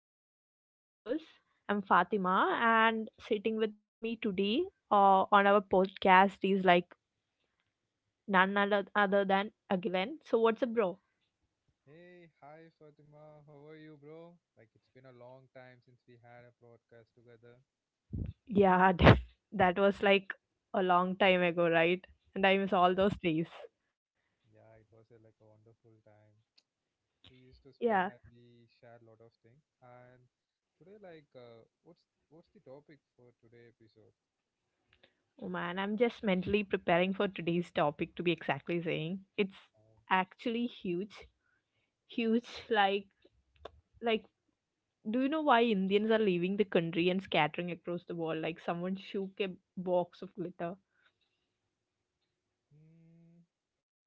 of Beyond the Borders. I'm Fatima, and sitting with me today on our podcast is none other than Agilen. So, what's up, bro? Hey, hi Fatima. How are you, bro? Like it's been a long time since we had a broadcast together. Yeah, that was like a long time ago, right? And I miss Yeah, all those days. yeah, it was like a wonderful time. We used to spend Yeah. and we shared a lot of things. And today, like, what's the topic for today episode? Oh man, I'm just mentally preparing for today's topic to be exactly saying. It's Oh, actually huge, like Do you know why Indians are leaving the country and scattering across the world like someone shook a box of glitter? hmm,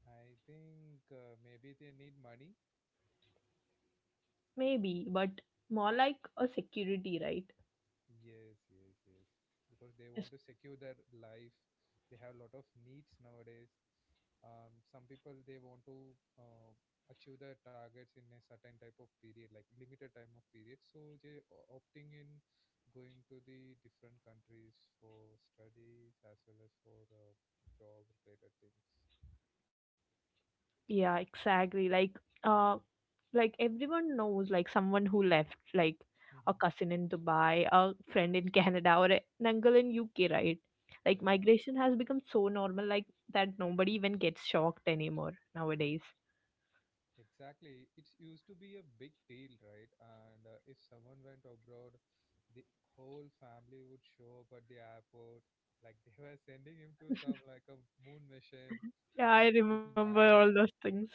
I think maybe they need money. Maybe, but more like a security, right? Yes, yes, yes. Because they Yes. want to secure their life. They have a lot of needs nowadays. Some people they want to achieve their targets in a certain type of period, like limited time of period. So they opting in going to the different countries for studies as well as for job related things. Yeah, exactly. Uh like everyone knows like someone who left, like a cousin in Dubai, a friend in Canada or an uncle in UK, right? Like Yeah. migration has become so normal like that nobody even gets shocked anymore nowadays. Exactly. It used to be a big deal, right? And if someone went abroad, the whole family would show up at the airport, like they were sending him to some like a moon mission or Yeah, like I to the remember Mars. all Yeah, those things.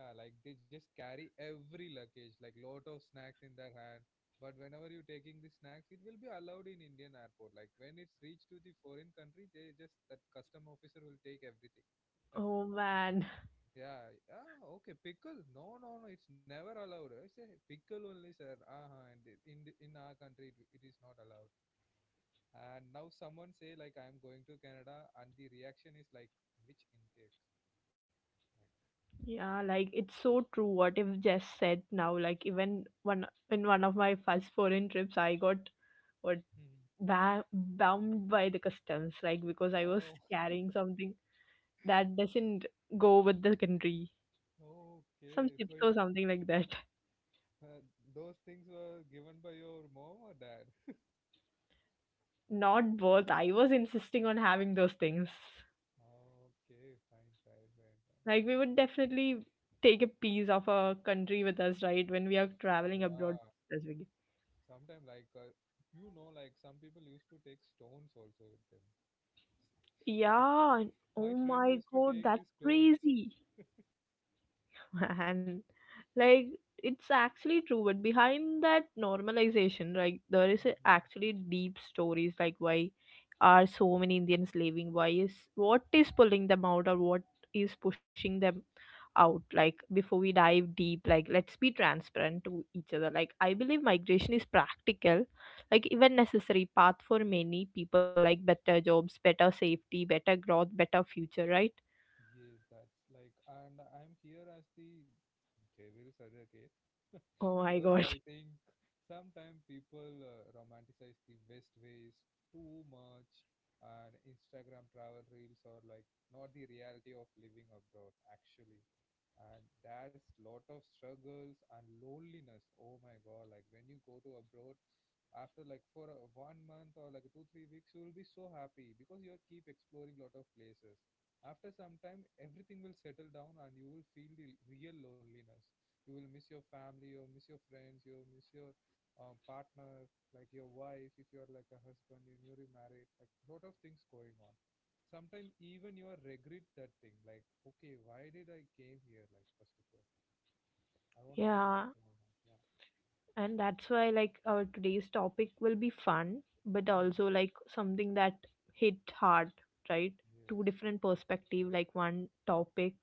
yeah, like they just carry every luggage, like lot of snacks in their hand. But whenever you're taking the snacks, it will be allowed in Indian airport. Like when it's reached to the foreign country, they just that custom officer will take everything. That's it. Oh man. Yeah, ah, okay, pickle. No, no, no, it's never allowed. I say pickle only, sir. Uh-huh. And in in our country, it is not allowed. And now someone say like I'm going to Canada, and the reaction is like, which intake? Like, Yeah, like it's so true what you've just said now. Like even one of my first foreign trips, I got what mhm. Bound by the customs, like because I was Oh, carrying something that doesn't go with the country, some okay. chips So or something like that. uh, those things were given by your mom or dad? Not worth. I was insisting on having those things. Okay, fine, fine, fine, fine. Like we would definitely take a piece of a country with us, right? When we are traveling abroad, Yeah, specifically. sometimes like you know, like some people used to take stones also with them. Yeah. and- Oh My friend my used to God, take that's these stones. crazy. and like it's actually true, but behind that normalization, like there is Mhm. actually deep stories, like why are so many indians leaving, why is what is pulling them out, or what is pushing them out. Like before we dive deep, like let's be transparent to each other. Like I believe migration is practical, like Yeah. even necessary path for many people, like better jobs, better safety, better growth, better future, right? Yes, that's like, and I'm here as the devil surrogate. Oh my Because god. I think sometimes people romanticize the West ways too much, and Instagram travel reels are like not the reality of living abroad actually, and there's lot of struggles and loneliness. Oh my God! Like when you go to abroad, after like for 1 month or like 2 3 weeks you will be so happy because you keep exploring lot of places. After some time everything will settle down and you will feel the real loneliness. You will miss your family, you will miss your friends, you will miss your partner, like your wife if you are like a husband, you're newly married, like lot of things going on. Sometimes even you are regret that thing, like okay, why did I came here? Like first of all I want to go back Yeah, to my home. Yeah, and that's why like our today's topic will be fun, but mhm. also like something that hit hard, right? Yes. Two different perspective, like one topic.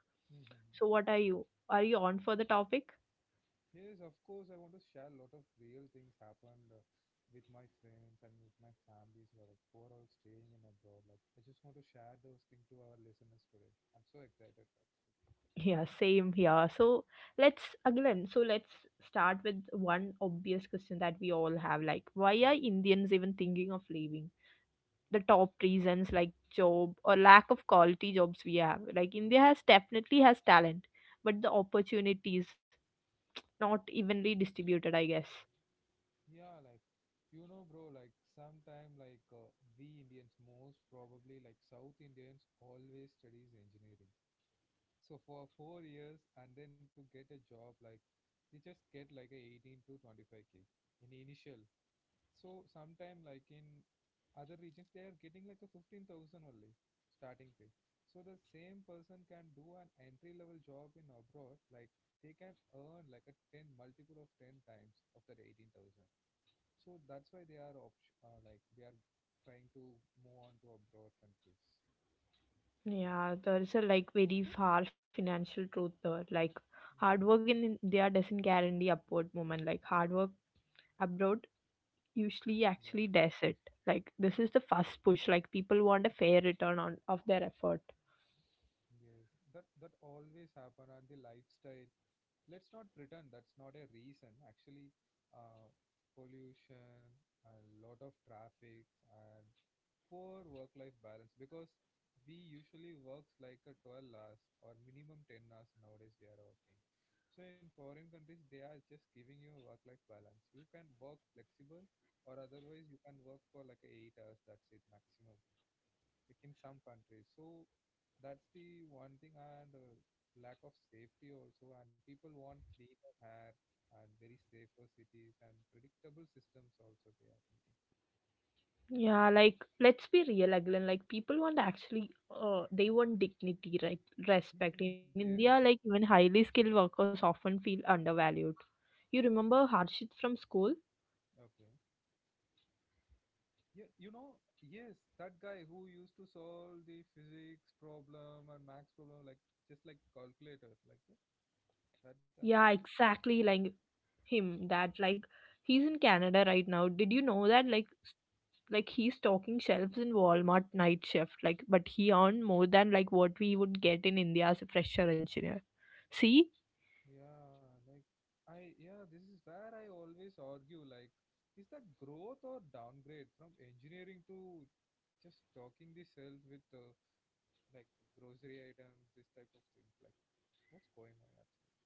So what are you on for the topic? Yes, of course, I want to share a lot of real things happened with my friends and with my families who are like who are all staying in abroad. Like I just want to share those things to our listeners today. I'm so excited, Rex. Yeah, same here. So let's again so let's start with one obvious question that we all have, like why are indians even thinking of leaving? The top reasons like job or lack of quality jobs we have. Like india has definitely has talent, but the opportunities not evenly distributed, I guess. Yeah, like you know, bro, like sometime like we Indians, most probably like South Indians, always studies engineering. So for 4 years, and then to get a job, like they just get like a 18 to 25k in initial. So sometime like in other regions they are getting like a 15,000 only starting pay. So the same person can do an entry level job in abroad, like they can earn like a 10 multiple of 10 times of that 18,000. So that's why they are like they are trying to move on to abroad countries. Yeah, there's a like very far financial truth there. Like hard Yeah, work in India doesn't guarantee upward movement. Like hard work abroad usually yeah. actually does it. Like this is the first push. Like people want a fair return on of their effort. Yes, that that always happen, and the lifestyle. Let's not pretend that's not a reason. Actually, uh, pollution, a lot of traffic, and poor work-life balance, because we usually works like a 12 hours or minimum 10 hours nowadays we are working. So in foreign countries, they are just giving you a work-life balance. You can work flexible, or otherwise you can work for like 8 hours. That's it maximum, like in some countries. So that's the one thing, and lack of safety also. And people want cleaner air and very safer cities and predictable systems also they are needing. Yeah, like let's be real again. Like people want actually they want dignity, like respect. In Yes, India, like even highly skilled workers often feel undervalued. You yeah. remember Harshit from school? Okay. Yeah, you know, yes, that guy who used to solve the physics problem and max problem like just like calculator, like that, that guy. Yeah, exactly him that like he's in Canada right now. Did you know that like he's stocking shelves in Walmart night shift, like but he earned more than like what we would get in India as a fresher engineer. See? Yeah, like I, yeah, this is where I always argue, like is that growth or downgrade from engineering to just stocking the shelf with like grocery items, this type of things. Like what's going on actually?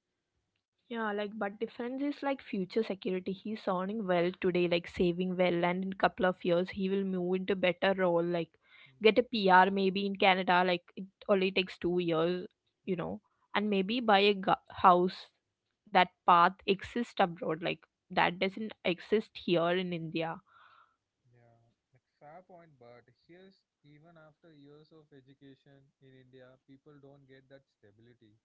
Yeah, like but defense is like future security. He's earning well today, like saving well, and in couple of years he will move into better role, like get a Hmm. PR maybe in Canada. Like it only takes 2 years, you know, Yeah. and maybe buy a house. That path exists abroad, like that doesn't exist here in India. Yeah, like fair point, but here's even after years of education in India, people don't get that stability.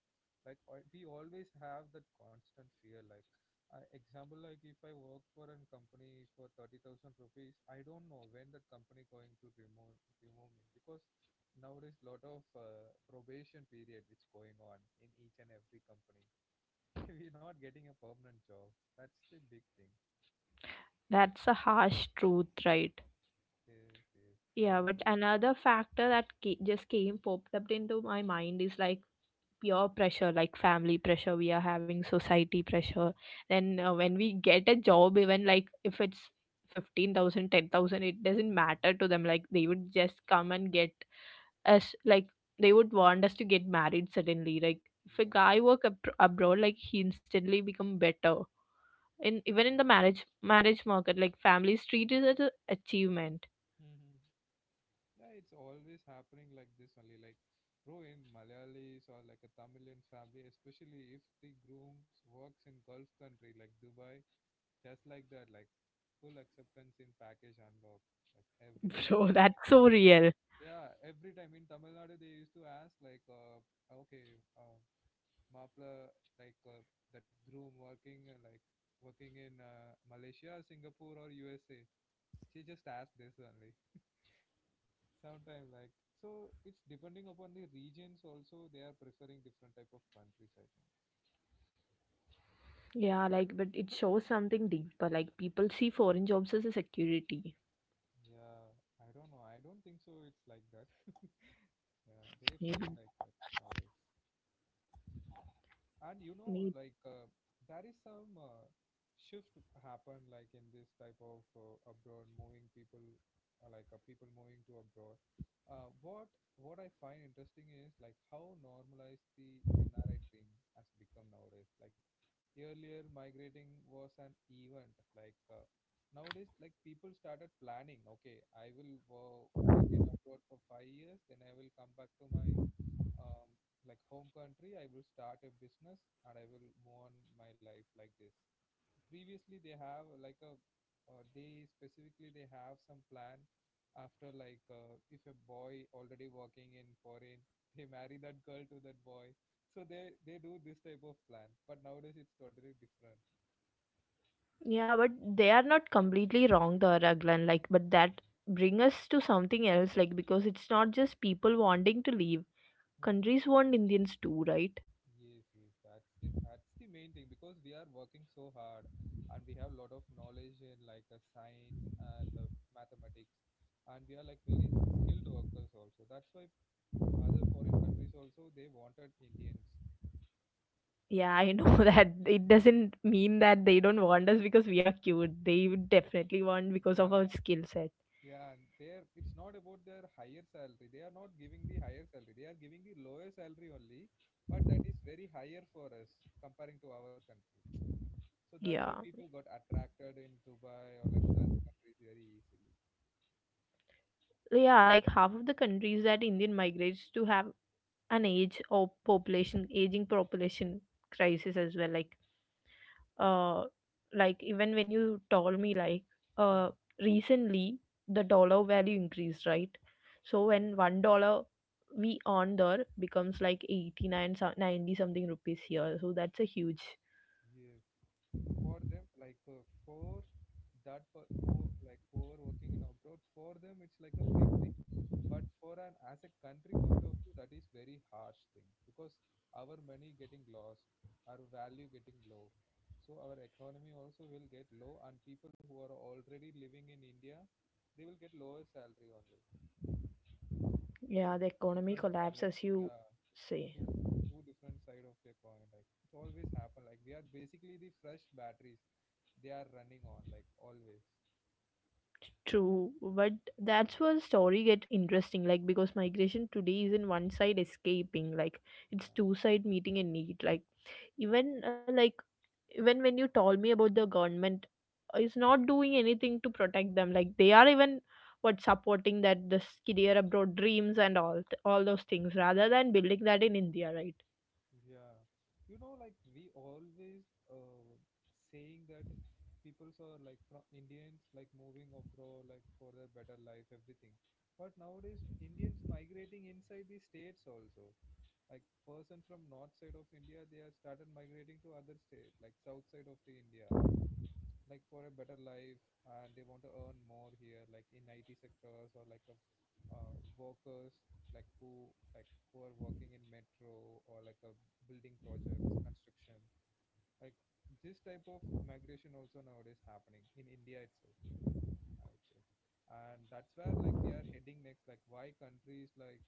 Like we always have that constant fear. Like, I, example, like if I work for a company for 30,000 rupees, I don't know when that company going to remove me, because nowadays lot of probation period which going on in each and every company. We're not getting a permanent job. That's the big thing. That's a harsh truth, right? Yes, yes, Yeah, always. but another factor that just came popped up into my mind is like pure pressure, like family pressure we are having, society Yeah. pressure. Then when we get a job, even like if it's 15,000, 10,000, it doesn't matter to them. Like they would just come and get us, like they would want us to get married suddenly. Like if a Yeah, guy work abroad, like he instantly become better in even in the yeah. Marriage market, like families treat it as an achievement. Hmm. Yeah, it's always happening like this only. Like, bro, in Malayalis or like a Tamilian family, especially if the grooms works in Gulf country like Dubai, just like that, like full acceptance in package unlocked. Like every Bro, time, that's like so yeah, real. yeah, every time in Tamil Nadu they used to ask like, okay, Mapla, like that groom working like working in Malaysia, Singapore, or USA. She just asked this only. Sometimes like so it's depending upon the regions also, they are preferring different type of countries I think. Yeah, like, but it shows something deeper. Like, people see foreign jobs as a security. Yeah, I don't know, I don't think so it's like that. Yeah, they feel Maybe, like that nowadays. And you know maybe. like there is some shift happen like in this type of abroad moving people, people moving to abroad, what what I find interesting is like how normalized the NRI dream has become nowadays. Like earlier migrating was an event, like nowadays like people started planning, okay, I will work in abroad for 5 years, then I will come back to my um, like home country, I will start a business and I will move on my life like this. Previously they have like a they specifically they have some plan, after like if a boy already working in foreign they marry that girl to that boy. So they do this type of plan, but nowadays it's totally different. Yeah, but they are not completely wrong, the Raglan. Like, but that bring us to something else. Like, because it's not just people wanting to leave. Countries Hmm. want Indians too, right? Yes, yes, that's the main thing, because we are working so hard and we have a lot of knowledge in like science and mathematics, and we are like very skilled workers also. That's why other foreign countries also they wanted Indians. Yeah, I That's know what that it Yeah, doesn't mean that they don't want us because we are cute. They would definitely want because of yeah, our skill set. yeah. And they're it's not about their higher salary. They are not giving the higher salary. They are giving the lower salary only, but that is very higher for us comparing to our country. So that's Yeah, why people got attracted in Dubai or like Gulf countries very easily. yeah. Like half of the countries that Indian migrates to have an age or population aging population crisis as well. Uh like even when you told me Mm. uh recently the dollar value increased, right? So Yes, when $1 we earn there becomes like 89 90 something rupees here, yeah, so that's a huge yes. For them, like for that per who like who are working in abroad, for them it's like a big thing. But for an as a country point of view, that is very harsh thing, because our money getting lost, our value getting low. So our economy also will get low, and people who are already living in India, they will get lower salary only. It's a Yeah, the two economy different collapse as you yeah, say. two two different side of a coin, like it always happen, like we are basically the fresh batteries they are running on like always. True, but that's where the story get interesting. Like because migration today is not one side escaping, like it's Yeah. two side meeting a need. Like even uh, like even when you told me about the government is not doing anything to protect them, like they are even what supporting that this career abroad dreams and all those things Mhm. rather than building that in india, right? Yeah, you know like we always uh saying that peoples are like from Indians like moving abroad like for their better life everything, but nowadays Indians migrating inside the states also, like person from north side of India they are started migrating to other state like south side of the India, like for a better life. And they want to earn more here like in IT sectors or like a workers, like who like who are working in metro or like a building projects construction, like this type of migration also nowadays happening in India itself, I would say. And that's where like we are heading next, like why countries like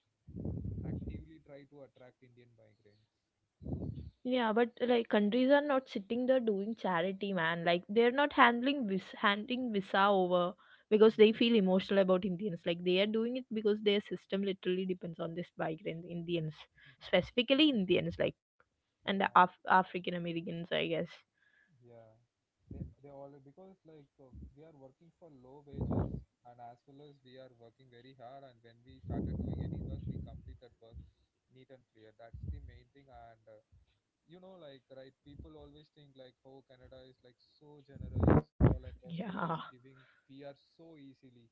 actively try to attract Indian migrants. Yeah, but like countries are not sitting there doing charity, man. Like they're not handing visa over because Mm. they feel emotional about indians. Like they are doing it because their system literally depends on this migrant indians, specifically indians, like and Yeah. African americans, I guess. Yeah, they all because like we are working for low wages, and as well as we are working very hard, and when we started doing any work we complete that work neat and clear. That's the main thing. And right, people always think like how Canada is like so generous, or like Australia Yeah. is giving PR so easily,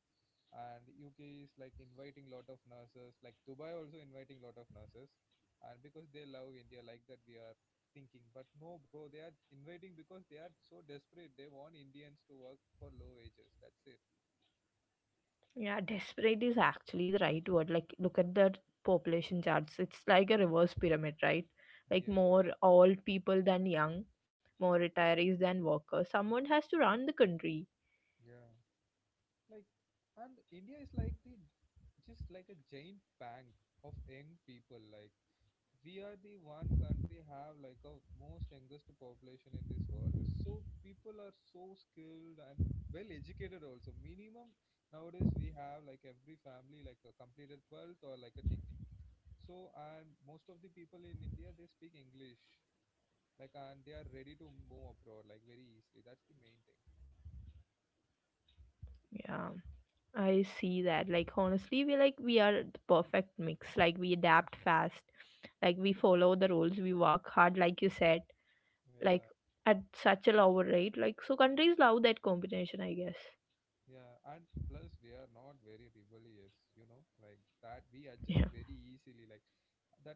and UK is like inviting lot of nurses, like Dubai also inviting lot of nurses, and because they love India like that we are thinking. But no bro, they are inviting because they are so desperate. They want Indians to work for low wages, that's it. Yeah, desperate is actually the right word. Like, look at the population charts. It's like a reverse pyramid, right? Like, Yeah, more old people than young, more retirees than workers. Someone has to run the country. yeah, like and India is like the, just like a giant bank of young people. Like we are the one country have like a most youngest population in this world. So people are so skilled and well educated also. Minimum nowadays we have like every family like a completed 12th or like a degree. So and most of the people in India, they speak English, like and they are ready to move abroad like very easily. That's the main thing. Yeah, I see that. Like, honestly, we are the perfect mix. Like, we adapt fast. Like, we follow the rules. We work hard, like you said. Like, Yeah. at such a lower rate. Like, so countries love that combination, I guess. Yeah, and plus we are not very rebellious, you know, like that we Yeah. adjust very easily. Like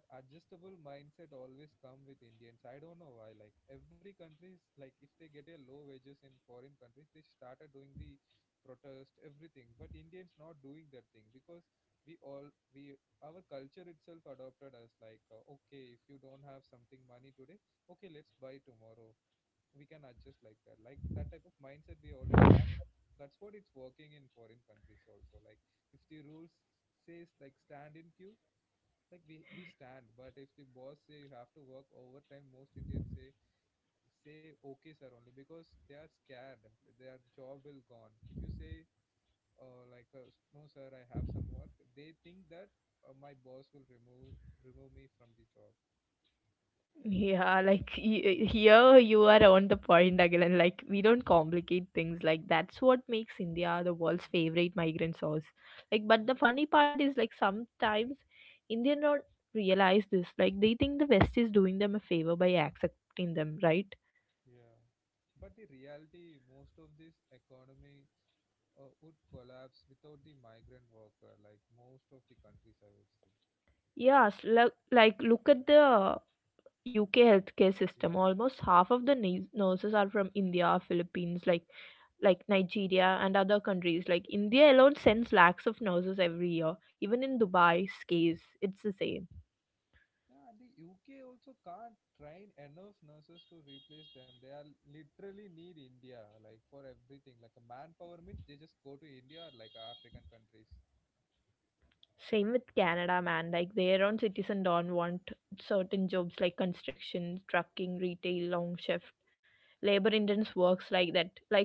that adjustable mindset always come with Indians. I don't know why. Like every country's like if they get a low wages in foreign countries, they started doing the protest, everything. But Indians not doing that thing because we our culture itself adopted us like, okay, if you don't have something money today, okay, let's buy tomorrow. We can adjust like that. Like that type of mindset we already have. That's what it's working in foreign countries also. Like if the rules says like stand in queue, like we stand. But if the boss say you have to work overtime, most Indians say, say okay sir, only because they are scared their job will gone. If you say, uh, like uh, no sir, I have some work, they think that, my boss will remove, remove me from the job. Yeah, like here you are on the point again. Like we don't complicate things. Like that's what makes India the world's favorite migrant source. Like, but the Yeah. funny part is like sometimes Indians don't realize this. Like they think the West is doing them a favor by accepting them, right? Yeah. But the reality, most of these economies would collapse without the migrant worker, like most of the countries, I would say. Yes, like look at the UK healthcare system. Yeah. Almost half of the nurses are from India, Philippines, like Nigeria and other countries. Like India alone sends lakhs of nurses every year. Even in Dubai's case, it's the same. Yeah, and the UK also can't train enough nurses to replace them. They are literally need India, like for everything. Like a manpower means, they just go to India or like African countries. Same with Canada, man. Like their own citizen don't want certain jobs like construction, trucking, retail, long shift, labor intense works like that. Like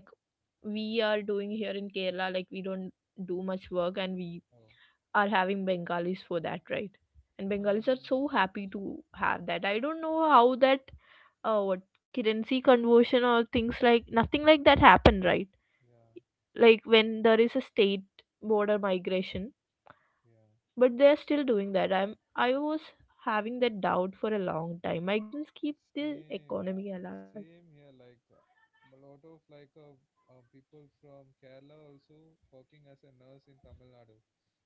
we are doing here in Kerala, like we don't do much work and we Oh. are having bengalis for that, right? And bengalis are so happy to have that. I don't know how that what currency conversion or things like nothing like that happen, right? Yeah, Like when there is a state border migration, yeah. but they're still doing that. I was having that doubt for a long time. Migrants keep the Same, economy alive. same here. Like a lot of people from Kerala also working as a nurse in Tamil Nadu.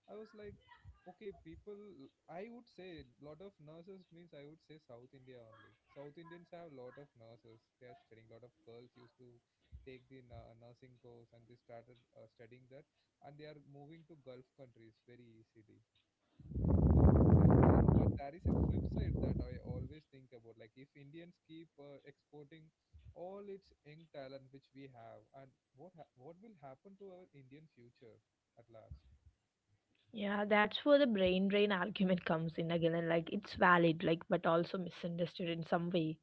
I was like, okay, people. I would say lot of nurses means, I would say South India only. South Indians have lot of nurses. They are studying. Lot of girls used to take the nursing course and they started studying that, and they are moving to Gulf countries very easily. Yeah, and but there is a flip side that I always think about. Like if Indians keep exporting all its young talent which we have, and what will happen to our Indian future at last? Yeah, that's where the brain drain argument comes in again, and like it's valid, like but also misunderstood in some way.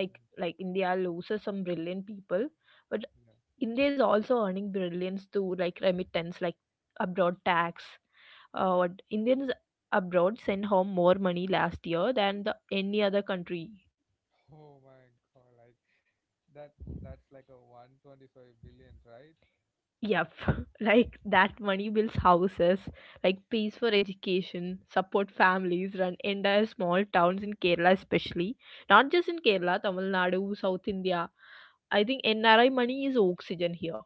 Hmm. Like India loses some brilliant people, but Yeah. India is also earning brilliance through like remittance, like abroad tax. What Indians abroad sent home more money last year than the any other country. Oh my God! Like that, that's like a 125 billion, right? Yep, like that money builds houses, like pays for education, support families, run entire small towns in Kerala, especially. Not just in Kerala, Tamil Nadu, South India. I think NRI money is oxygen here.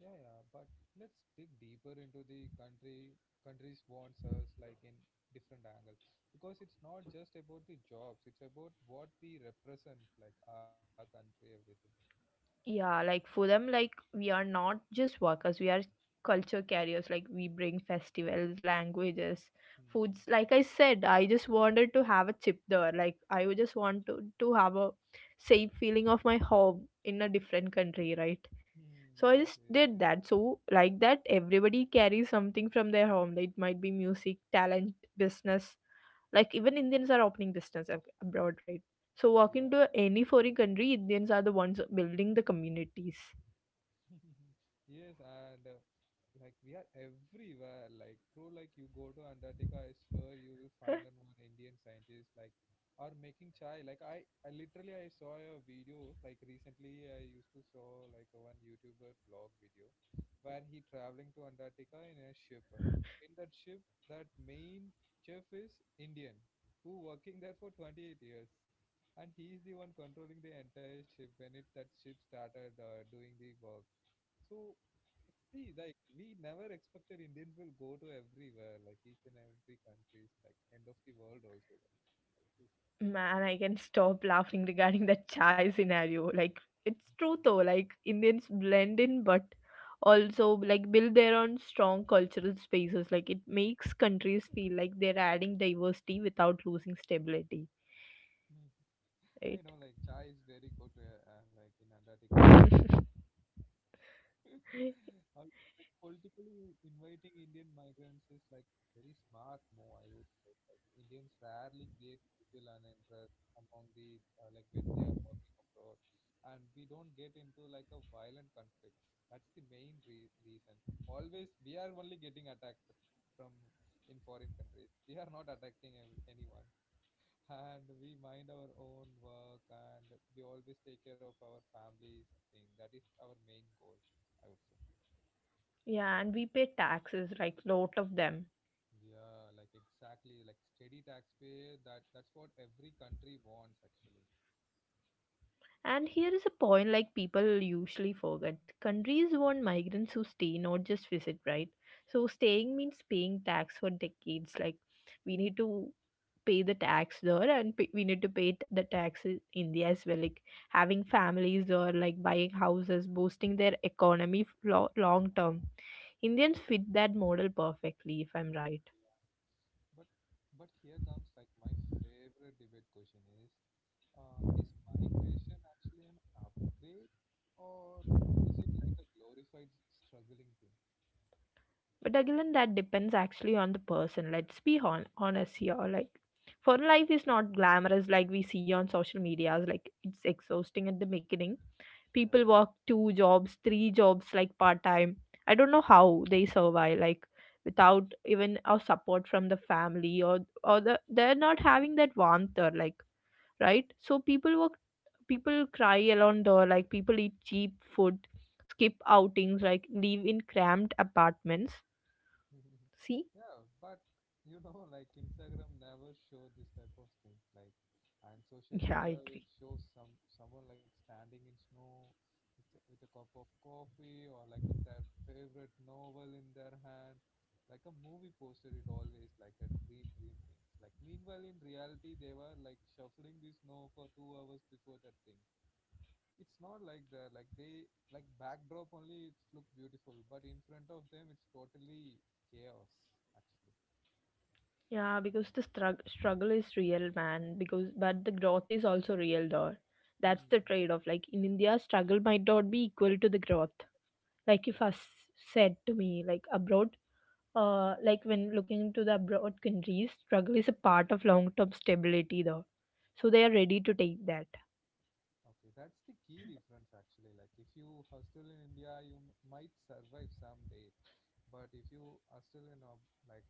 Yeah, yeah, but let's dig deeper into the country countries wants us like in different angle, because it's not just about the jobs, it's about what we represent, like our country, everything. Yeah, like for them, like we are not just workers, we are culture carriers. Like we bring festivals, languages, foods. Hmm. Like I said, I just wanted to have a chip there. Like I would just want to have a safe feeling of my home in a different country, right? Mm, So I yes, just yes, did yes. that. So like that, everybody carries something from their home. Like, It might be music, talent, business. Like even Indians are opening business abroad, right? So Yeah. walking to any foreign country, Indians are the ones building the communities. Yes, and like we are everywhere. Like, bro, like you go to Antarctica, I swear you will find an one Indian scientist, like, or making chai. Like I literally, I saw a video like recently. I used to saw like a one YouTuber vlog video where he traveling to Antarctica in a ship. In that ship, that main chef is Indian, who working there for 28 years. And he is the one controlling the entire ship when it that ship started doing the work. So see, like we never expected Indians will go to everywhere, like each and every countries, like end of the world also, like this. Man, I can stop laughing regarding that chai scenario. Like it's true though. Like Indians blend in, but also like build their own strong cultural spaces. Like it makes countries feel like they're adding diversity without losing stability, I right? know, like chai is very good, like in Antarctica weather. How- like politically inviting Indian migrants is like very smart move, I would say. Like Indians rarely create social uninterest among the like when they are working abroad, and we don't get into like a violent conflicts. That's the main reason. Always we are only getting attacked from in foreign countries. We are not attacking anyone. And we mind our own work and we always take care of our families thing. That is our main goal, I would say. Yeah, and we pay taxes, like lot of them. Yeah, like exactly, like steady taxpayer. That's what every country wants, actually. And here is a point like people usually forget. Countries want migrants who stay, not just visit, right? So staying means paying tax for decades. Like we need to pay the tax there and we need to pay the tax in India as well. Like having families or like buying houses, boosting their economy long term. Indians fit that model perfectly, if I'm right. But but here comes like my favorite debate question is migration actually an upgrade, or is it like a glorified struggling thing? But again, that depends actually on the person. Let's be honest here. Like, foreign life is not glamorous like we see on social medias. Like, it's exhausting at the beginning. Yeah. People work two jobs, three jobs, like part time. I don't know how they survive. Like, without even a support from the family or the, they're not having that warmth or like right. So people work. People cry alone door. Like people eat cheap food, skip outings, like live in cramped apartments. See. Yeah, but you know like Instagram never show this type of things. Like and social Yeah, I media will agree. show some, someone like standing in snow with with a cup of coffee, or like of their favorite novel in their hand, like a movie poster. It always like a dream things. Like meanwhile in reality they were like shuffling the snow for 2 hours before that thing. It's not like that. Like they like backdrop only, it's look beautiful, but in front of them it's totally chaos actually. Yeah, because the struggle is real, man. Because but the growth is also real, though. That's the Hmm. trade-off. Like in India, struggle might not be equal to the growth. Like Yeah. if said to me, like abroad, like when looking to the abroad countries, struggle is a part of long-term stability, though. So they are Oh, ready to take that. okay. That's the key difference actually. Like if you are still in India, you might survive someday. But if you are still in a, like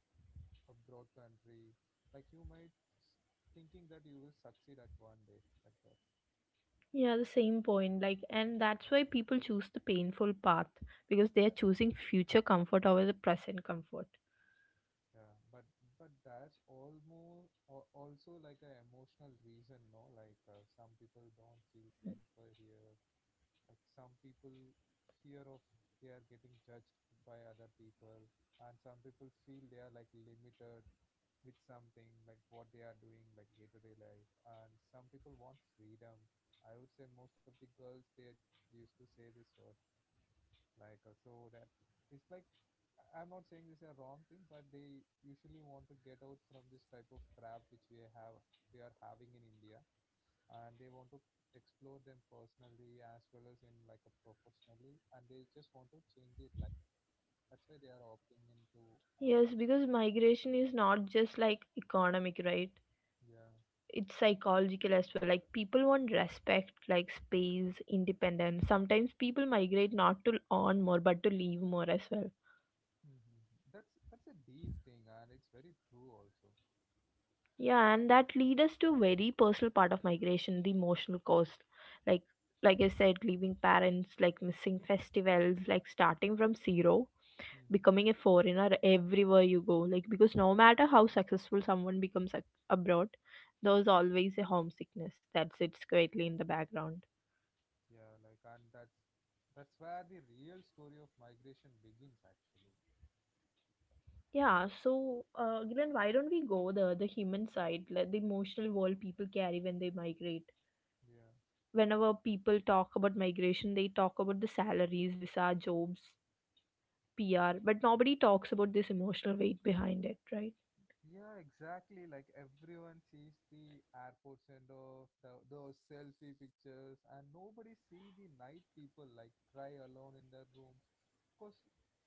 abroad country, like you might thinking that you will succeed at one day, like that. Yeah, the same point. Like, and that's why people choose the painful path because they are choosing future comfort over the present comfort. Yeah, but that's almost also like an emotional reason, no? Like some people don't feel safer here. Like some people fear of they are getting judged by other people, and some people feel they are like limited with something like what they are doing, like day to day life. And some people want freedom. I would say most of the girls there used to say this. Like so that it's like, I'm not saying this is a wrong thing, but they usually want to get out from this type of trap which we have, we are having in India, and they want to explore them personally as well as in like a professionally, and they just want to change it like that's why they are opting into Yes, because migration is not just like economic, right? yeah. It's psychological as well. Like people want respect, like space, independence. Sometimes people migrate not to earn more, but to leave more as well. Hmm. That's a deep thing and it's very true also. Yeah, and that leads us to very personal part of migration, the emotional cost. Like like I said, leaving parents, like missing festivals, like starting from zero, Hmm. becoming a foreigner everywhere you go, like because no matter how successful someone becomes abroad, there's always a homesickness that sits quietly in the background. Yeah, like and that's where the real story of migration begins actually. Yeah, so Kiran, why don't we go the human side, like the emotional world people carry when they migrate. Yeah. Whenever people talk about migration they talk about the salaries, visa, jobs, PR, but nobody talks about this emotional weight behind it, right? Yeah, exactly. Like everyone sees the airport send off, the, those selfie pictures, and nobody see the night people like cry alone in their rooms, because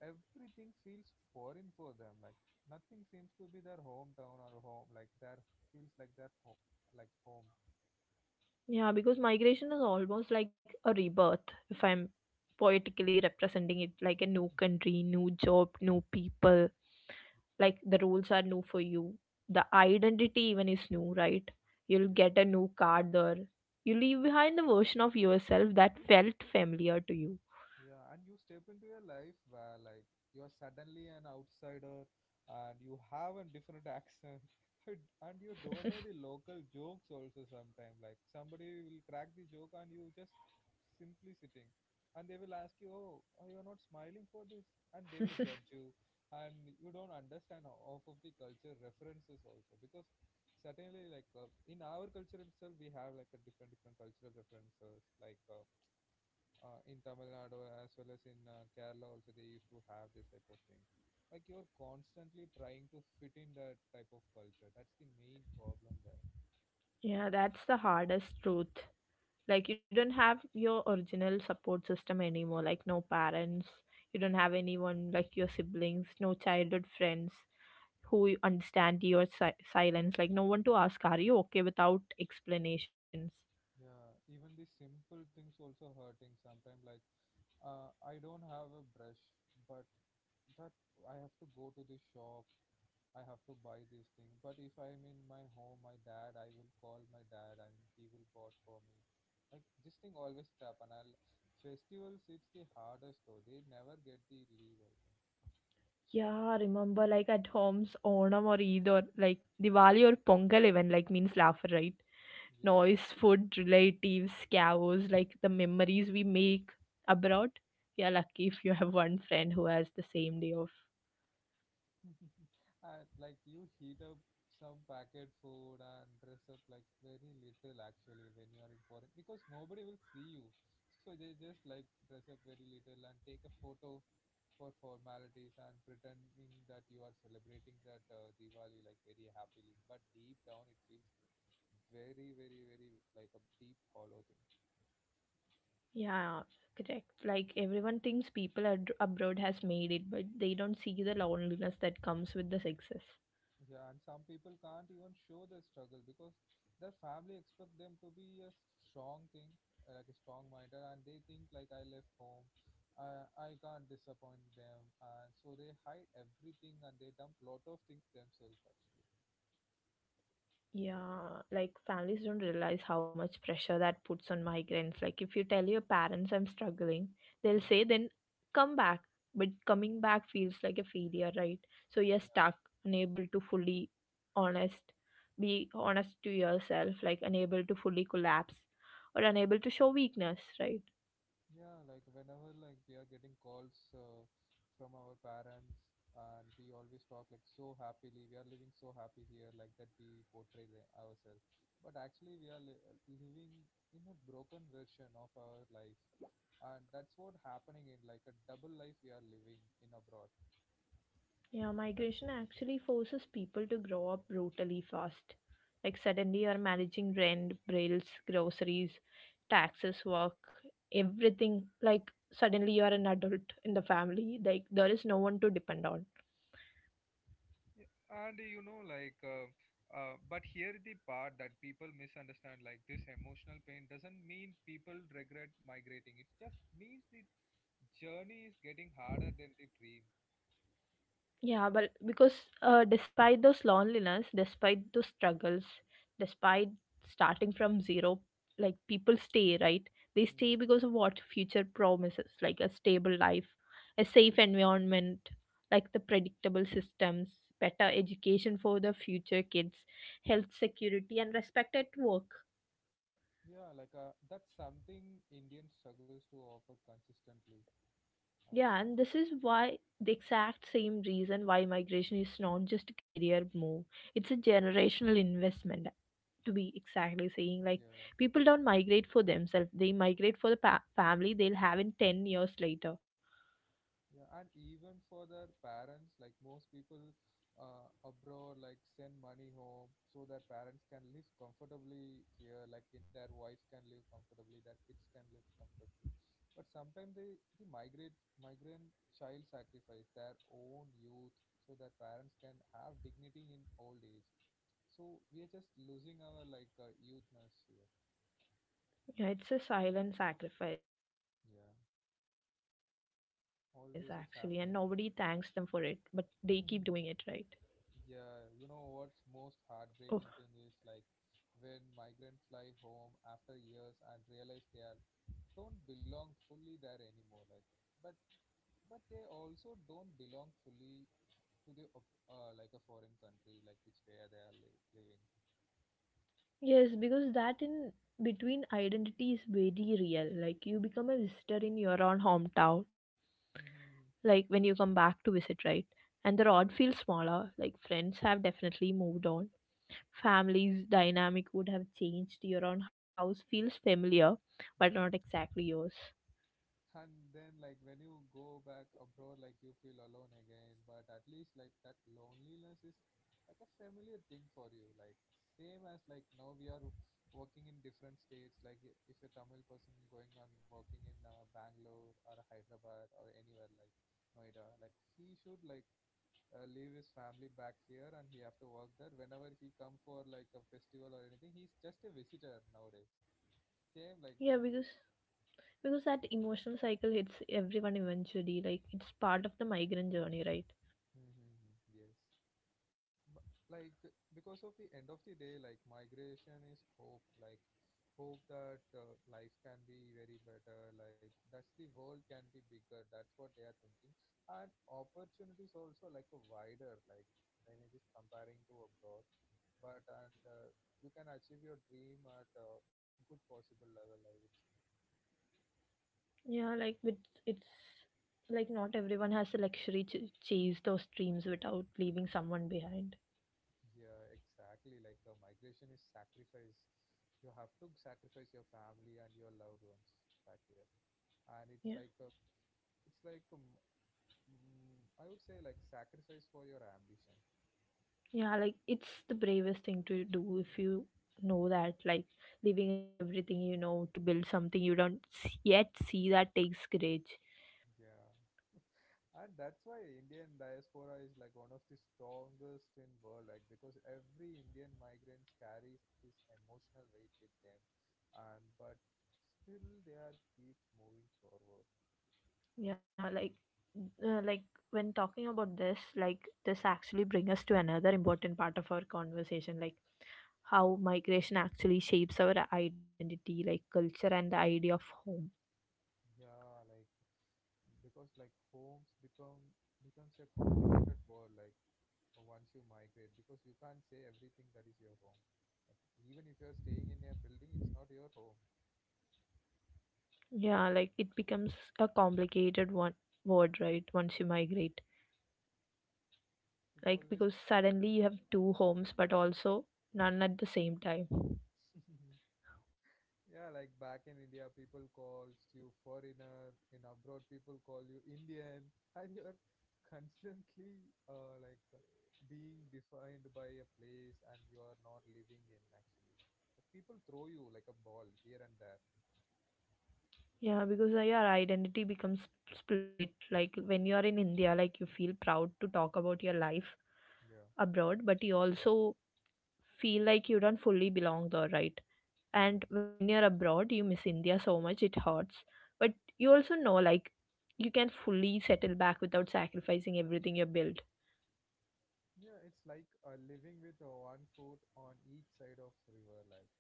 everything feels foreign for them. Like nothing seems to be their hometown or home. Like their feels like their home, like home. Yeah, because migration is almost like a rebirth, if I'm poetically representing it, like a new country, new job, new people. Like the rules are new for you. The identity even is new, right? You'll get a new card there. You leave behind the version of yourself that felt familiar to you. Yeah, and you step into a life where like you're suddenly an outsider, and you have a different accent and you don't know the local jokes also sometimes. Like somebody will crack the joke and you just simply sitting, and they will ask you, "Oh, oh, you're not smiling for this," and they will judge you, and you don't understand off of the culture references also, because certainly like in our culture itself we have like a different different cultural references, like in Tamil Nadu as well as in Kerala also they used to have this type of thing. Like you're constantly trying to fit in that type of culture. That's the main problem there. Yeah, that's the hardest truth. Like, you don't have your original support system anymore. Like, no parents, you don't have anyone like your siblings, no childhood friends, who understand your silence, like no one to ask are you okay without explanations. Yeah, even the simple things also hurting sometimes. Like I don't have a brush, but that I have to go to the shop, I have to buy this thing. But if I am in my home, my dad, I will call my dad and he will bought for me. Like this thing always happen. I'll festivals. It's the hardest though. They never get the leave, I think. Yeah, remember like at homes, Onam or Eid or like Diwali or Pongal even like means laughter, right? Yeah. Noise, food, relatives, chaos, like the memories we make abroad. You're lucky if you have one friend who has the same day off. And like you heat up some packet food and dress up like very little actually when you are in foreign, because nobody will see you. So they just like dress up very little and take a photo for formalities, and pretending that you are celebrating that Diwali like very happily. But deep down it feels very very very like a deep hollow thing. Yeah, correct. Like everyone thinks people abroad has made it, but they don't see the loneliness that comes with the success. Yeah, and some people can't even show their struggle because their family expect them to be a strong thing, like a strong minder, and they think like I left home, I can't disappoint them, and so they hide everything and they dump lot of things themselves actually. Yeah, like families don't realize how much pressure that puts on migrants. Like if you tell your parents I'm struggling, they'll say Mhm. then come back. But coming back feels like a failure, right? So you're stuck, Yeah, unable to fully honest, be honest to yourself, like unable to fully collapse or yeah. unable to show weakness, right? Yeah, like whenever like we are getting calls from our parents, and we always talk like so happily, we are living so happy here, like that we portray the, ourselves. But actually we are li living in a broken version of our life. And that's what happening in like a double life we are living in abroad. Yeah, That's the migration main thing. actually forces people to grow up brutally fast. Like suddenly you're managing rent, bills, groceries, taxes, work, everything. Like suddenly you're an adult in the family. Like there is no one to depend on. Yeah, and you know like but here the part that people misunderstand, like this emotional pain doesn't mean people regret migrating, it just means the journey is getting harder than the dream. Yeah, but because despite those loneliness, despite those struggles, despite starting from zero, like people stay, right? They Hmm. stay because of what future promises, like a stable life, a safe environment, like the predictable systems, better education for the future kids, health security, and respect at work. Yeah, like that's something Indian struggles to offer consistently, I would Yeah, say. and this is why the exact same reason why migration is not just a career move, it's a generational investment, to be exactly saying like Yeah, people don't migrate for themselves, they migrate for the family they'll have in 10 years later. yeah, and even for their parents, like most people abroad, like send money home so their parents can live comfortably here, like in, their wife can live comfortably, their kids can live comfortably. But sometimes they the migrate migrant child sacrifice their own youth so their parents can have dignity in old age. So we are just losing our like youthness here. Yeah, it's a silent sacrifice actually, and Yeah, nobody thanks them for it, but they always keep it's doing it, happening. right? Hmm. Yeah, you Oh know what's most heartbreaking thing is like when migrants fly home after years and realize they are don't belong fully there anymore. Like, but but they also don't belong fully to the like a foreign country, like which where they are living. yes, because that in between identity is very real, like you become a visitor in your own hometown, Hmm. like when you come back to visit, right? And the rod Yeah, feels smaller, like friends have definitely moved on. Family's dynamic would have changed. Your own house feels familiar, but yeah. not exactly yours. And then like when you go back abroad, like you feel alone again, but at least like that loneliness is like a familiar thing for you, like same as like now we are working in different states, like if a Tamil person going on working in Bangalore or Hyderabad or anywhere, like Noida, like he should like leave his family back here and he have to work there. Whenever he come for like a festival or anything, he's just a visitor nowadays, same like Yeah, that. because that emotional cycle hits everyone eventually. Like it's part of the migrant journey, right? Mm-hmm. Yes. b- like because of the end of the day, like migration is hope, like hope that life can be very better, like that's the world can be bigger, that's what they are thinking, and opportunities also like a wider, like when it is comparing to abroad. But and You can achieve your dream at a good possible level, I would say. Yeah, like with it's like not everyone has the luxury to chase those dreams without leaving someone behind. Yeah, exactly, like a migration is sacrifice. You have to sacrifice your family and your loved ones back here, and it's Yeah, like a, it's like a m- I would say like sacrifice for your ambition. yeah, like it's the bravest thing to do if you know that like leaving everything you know to build something you don't yet see, that takes courage. Yeah, and that's why Indian diaspora is like one of the strongest in world, like because every Indian migrants carries this emotional weight with them, and but still they are keeps moving forward. Yeah, like when talking about this, like this Yeah. actually bring us to another important part of our conversation, like how migration actually shapes our identity, like culture and the idea of home. Yeah, like because like homes become becomes a complicated world like once you migrate, because you can't say everything that is your home. Like even if you're staying in a building, it's not your home. Yeah, like it becomes a complicated one word, right? Once you Yeah. migrate, It like always. because suddenly you have two homes, but also none at the same time. Yeah, like back in India, people calls you foreigner. In abroad, people call you Indian. And you're constantly being defined by a place and you are not living in actually. Like, people throw you like a ball here and there. Yeah, because your identity becomes split. Like when you are in India, like you feel proud to talk about your life Yeah, abroad, but you also feel like you don't fully belong there, right? And yes. when you're abroad, you miss India so much, it hurts. But you also know, like, you can fully settle back without sacrificing everything you built. Yeah, it's like living with one foot on each side of river. Like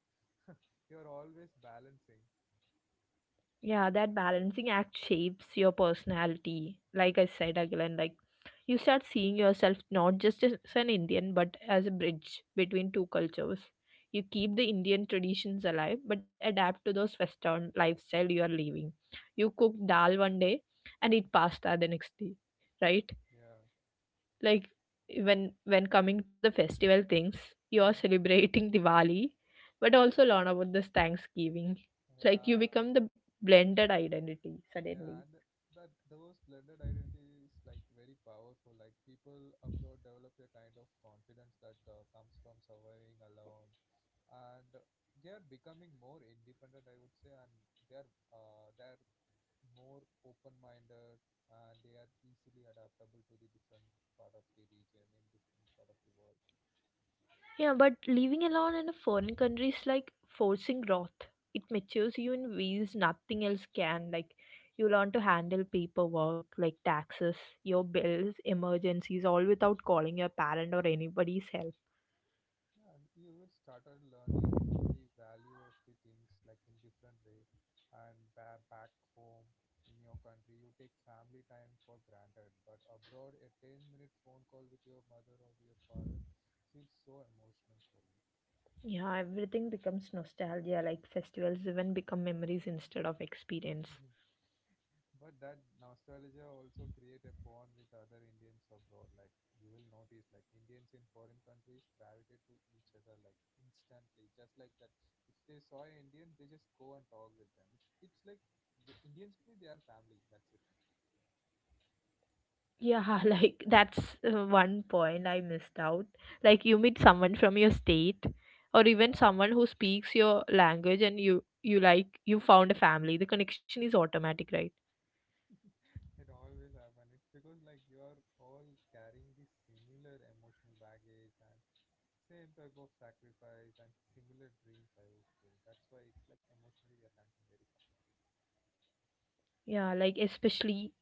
you're always balancing. Yeah, that balancing act shapes your personality, like I said again, like you start seeing yourself not just as an Indian but as a bridge between two cultures. You keep the Indian traditions alive but adapt to those Western lifestyle you are living. You cook dal one day and eat pasta the next day, right? Yeah. Like when coming to the festival things, you're Mhm. celebrating Diwali but also learn about this Thanksgiving. Like you Yeah. become the blended identity Yeah, suddenly. and that those blended identities like very powerful. Like people abroad develop a kind of confidence that comes from surviving alone, and they are becoming more independent, I would say, and they are they are more open-minded, and they are easily adaptable to the different part of the region in different part of the world. Yeah, but living alone in a foreign country is like forcing growth. It matures you in ways nothing else can, like you learn to handle paperwork like taxes, your bills, emergencies, all without calling your parent or anybody's help. Yeah, and you will started learning the value of the things like in different way, and back home in your country you take family time for granted, but abroad a 10-minute phone call with your mother or your father feels so emotional for you. Yeah, everything becomes nostalgia, like festivals even become memories instead of experience. But that nostalgia also create a bond with other Indians abroad. Like you will notice, like Indians in foreign countries gravitate to each other like instantly, just like that. If they saw an Indian, they just go and talk with them. It's like the Indians mean they are family. That's it. Yeah, like that's one point I missed out. Like you meet someone from your state or Yeah. even Yeah, someone who speaks your language and you like you found a family. The connection is automatic, right? it always happen. It's because like you're all carrying this similar emotional baggage and same type of sacrifice and similar dreams. I would say that's why it's like emotionally we are connecting very Yeah, like especially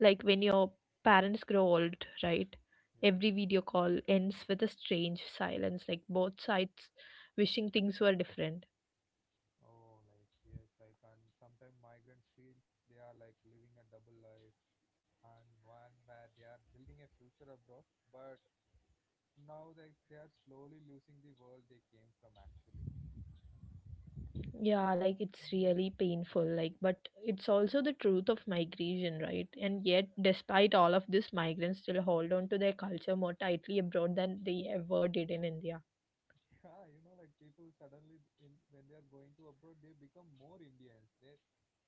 like when your parents grow old, right? fast. Every Yeah. video call ends with a strange silence, like both sides wishing things were different. Oh, like yes, like and sometimes migrants feels they are like living a double life, and one where they are building a future abroad, but now they are slowly losing the world they came from actually. Yeah, like it's really painful, like, but it's also the truth of migration, right? And yet, despite all of this, migrants still hold on to their culture more tightly abroad than they ever did in India. Yeah, you know, like people suddenly in when they are going to abroad, they become more Indians. They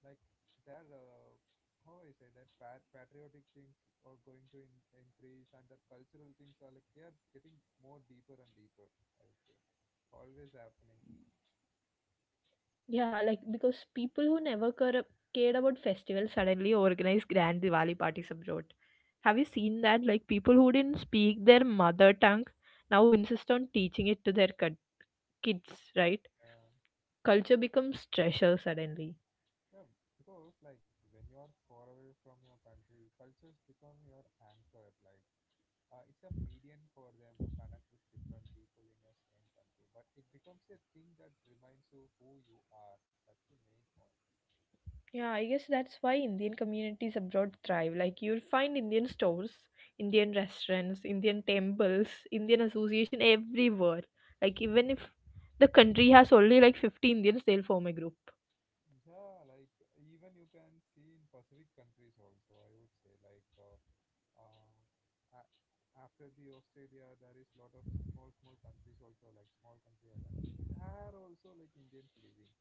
like their how I say that patriotic things are going to increase, and their cultural things are like they are getting more deeper and deeper. I would say, always happening. Yeah, like because people who never care, cared about festivals suddenly organize grand Diwali parties abroad. Have you Yeah. seen that? Like people who didn't speak their mother tongue now insist on teaching it to their kids, right? Yeah, Culture becomes treasure suddenly. yeah, because like when you're far away from your country, cultures become your anchor. Like it's a medium for them to connect with different people in your same country, but it becomes a thing that reminds you who you are. That's the main point. Yeah, I guess that's why Indian communities abroad thrive. Like you'll find Indian stores, Indian restaurants, Indian temples, Indian association everywhere. Like even if the country has only like 50 Indians, they'll form a group. Yeah, like even you can see in Pacific countries also, I would say, like uh, a- after the Australia, there is lot of small small countries also, like small country islands. There are also like Indians living,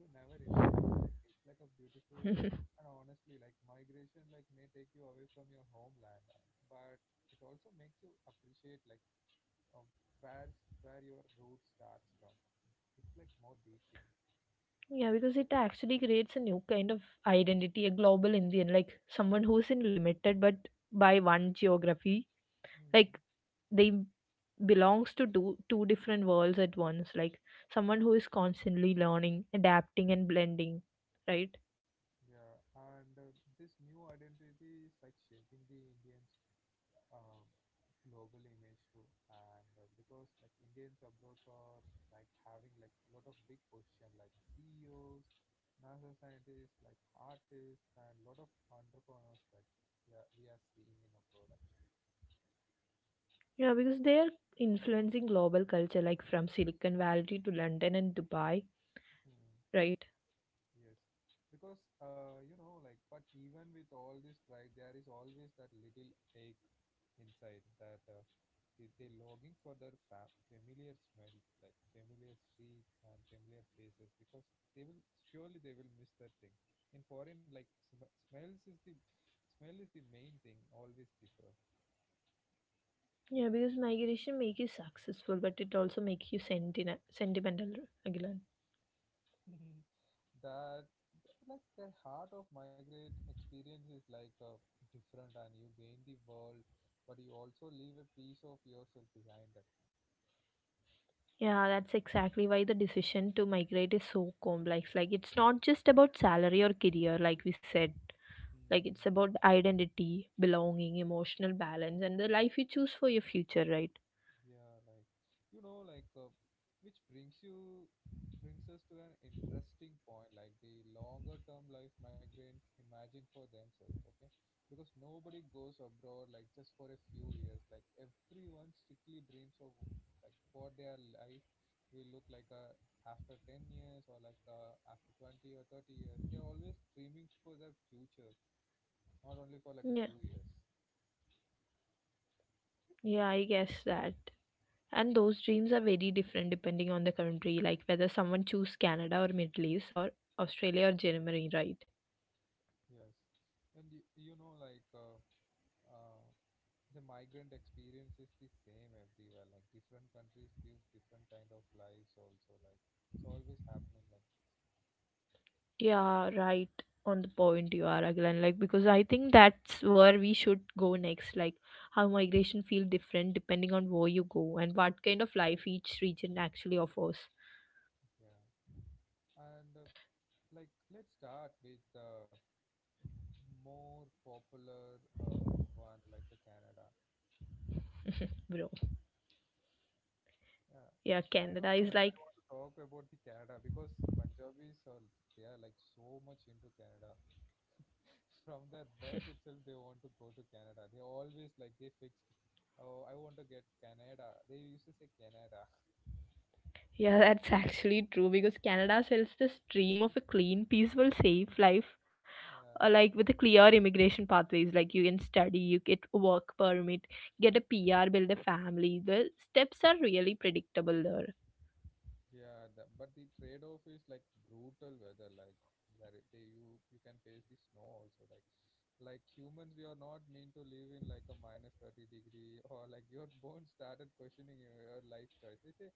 you never imagine, like it's like a beautiful. Yeah, And honestly, like migration like may take you away from your homeland, but it also makes you appreciate like um, where where your route starts from. It's like more deep thing. because it actually creates a new kind of identity, a global Indian, like someone who's in limited but by one geography, Hmm. like they belongs to two different worlds at once, like someone who is constantly learning, adapting and blending, right? Yeah, and this new identity is like shaping the Indian, um, global image too, and because like Indians abroad are like having like lot of big position, like CEOs, NASA scientists, like artists and lot of entrepreneurs, like yeah, we are seeing in abroad actually. Yeah, because they are influencing global culture, like from Silicon Valley to London and Dubai, right? Yes, because you know, like, but even with all this pride, there is always that little ache inside that they longing for their familiar smells, like familiar streets and familiar faces, because they will surely they will miss that thing. In foreign, like smell is the main thing, always differ. Yeah, because migration make you successful but it also makes you sentimental again. That like the heart of migrate experience is like different, and you gain the world but you also leave a piece of yourself behind it. Yeah, that's exactly why the decision to migrate is so complex, like it's not just about salary or career like we said, like it's about identity, belonging, emotional balance and the life you choose for your future, right? Yeah, like you know, like uh, which brings us to an interesting point, like the longer term life migrants imagine for themselves, okay? Because nobody goes abroad like just for a few years. Like everyone strictly dreams of like what their life will look like after 10 years, or like after 20 or 30 years. They are always dreaming for their future, not only for like a Yeah, few years. yeah, I guess that. And those dreams are very different depending on the country, like whether someone choose Canada or Middle East or Australia or Yeah. Germany, right? Yes. And you know like uh, the migrant experience is the same everywhere. Like different countries gives different kind of lives also, like it's always happening like this. Yeah, right on the point you are again, like because I think that's where we should go next, like how migration feel different depending on where you go and what kind of life each region actually offers. Yeah, and like let's start with the more popular one, like a Canada. Bro, Yeah, yeah, I Canada don't know, is like I like, want to talk about the Canada because Punjabis are they are like so much into Canada. From their birth itself they want to go to Canada. They always like they fixed, oh, I want to get Canada, they used to say Canada. yeah, that's actually true because Canada sells this dream of a clean, peaceful, safe life, Yeah, like with a clear immigration pathways. Like you can study, you get a work permit, get a PR, build a family. The steps are really predictable there. yeah, the, but the trade-off is like brutal weather, like where it- they you you can face the snow also. Like humans, we are not meant to live in like a minus 30 degree or like your bones started questioning your life choice. They say,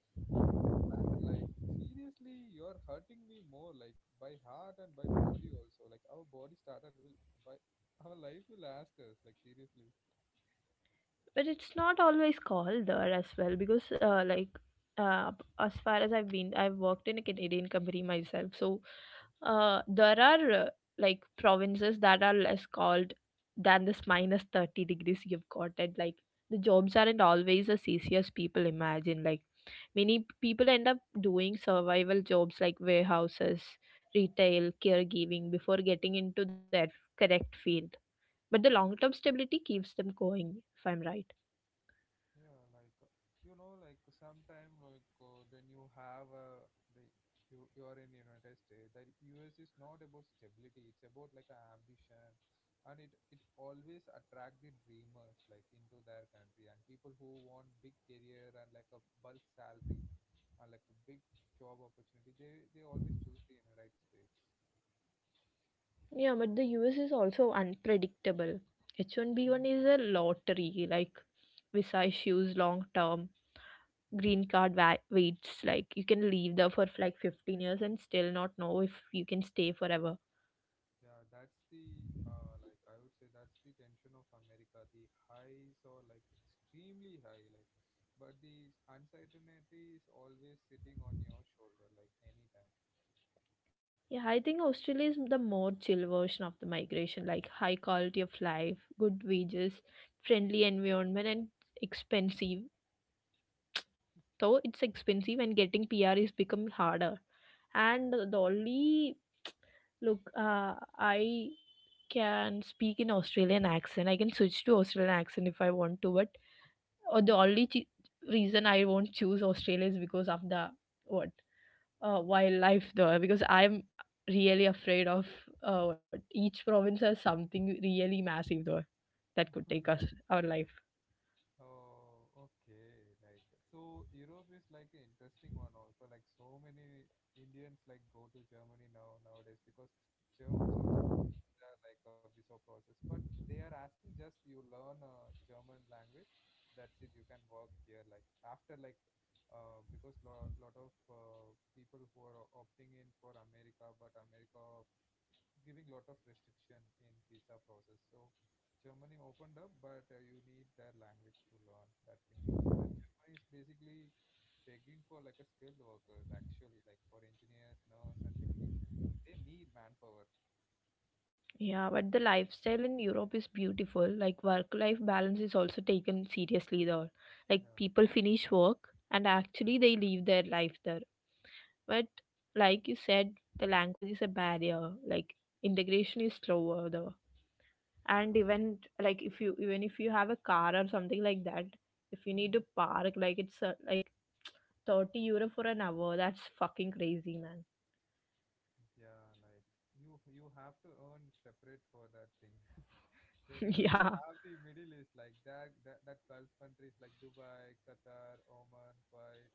man, like seriously, you're hurting me more, like by heart and by body also. Like our body started will by our life will ask us, like seriously. But it's not always called there as well because uh, as far as I've worked in a Canadian company myself. So Oh, there are like provinces that are less called than this minus 30 degrees, you've got it. Like the jobs aren't always as easy as people imagine. Like many people end up doing survival jobs like warehouses, retail, caregiving before getting into their correct field, but the long yeah. term stability keeps them going, if I'm right. Yeah, like you know, like sometime like when you have the you you are in United States, that US is not about stability. It's about like an ambition, and it always attract the dreamers like into their country, and people who want big career and like a bulk salary and like a big job opportunity. They always choose the United States. Yeah, but the US is also unpredictable. H1B1 is a lottery, like visa issues long term, Yeah. green waits, like you can leave there for like 15 years and still not know if you can stay forever. Yeah, that's the like I would say that's the tension of America. The highs are like extremely high, like, but the uncertainty is always sitting on your shoulder, like anytime. Yeah, I think Australia is the more chill version of the migration, like high quality of life, good wages, friendly Mhm. environment, and expensive. Though it's expensive and getting PR is become harder, and Yeah. the only— look, I can speak in Australian accent. I can switch to Australian accent if I want to, but uh, the only ch- reason I won't choose Australia is because of the— what, wildlife there. Because I'm really afraid of what each province has something really massive there that could take us our life. Oh, okay. Like, so Europe is like an interesting one also. Like, so many Indians like go to Germany now nowadays, because Germans also have like a visa process, but they are asking just you learn a German language. That's it. You can work here. Like after like, because lo lot of people who are opting in for America, but America giving lot of restriction in visa process. So Germany opened up, but you need their language to learn. That's the main thing. And Germany is basically begging for like a skilled workers actually, like for engineers, nurse, and technicians. They need manpower. Yeah, but the lifestyle in Europe is beautiful. Like work-life balance is also taken seriously there. Like Yeah, people finish work and actually they live their life there. But like you said, the language is a barrier. Like integration is slower though. And yeah, even like if you even if you have a car or something like that, if you need hmm to park, like it's like €30 for an hour. That's fucking crazy, man. yeah. Like you have to earn separate for that thing. Then you Yeah. have the Middle East, like that Gulf countries like Dubai, Qatar, Oman, Kuwait.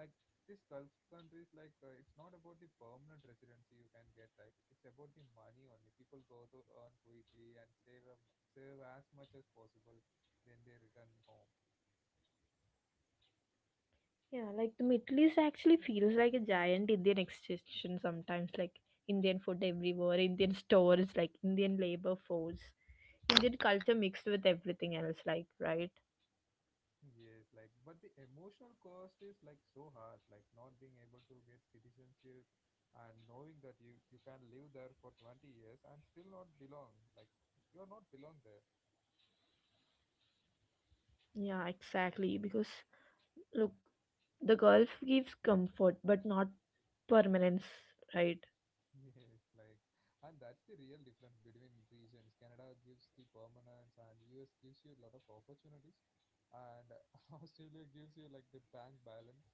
Like, this Gulf countries like it's not about the permanent residency you can get, like it's about the money. Only people go to earn quickly and save a m save as much as possible. Then they return home. Yeah, like the Middle East actually feels like a giant Indian extension sometimes, like Indian food everywhere, Indian stores, like Indian labor force, Indian culture mixed with everything else, like, right? Yes, like, but the emotional cost is like so harsh, like not being able to get citizenship and knowing that you can live there for 20 years and still not belong, like you're not belong there. Yeah, exactly. Because, look, the golf gives comfort but not permanence, right? Yes, like, and that's the real difference between regions. Canada gives the permanence, and US gives you a lot of opportunities, and Australia gives you like the bank balance.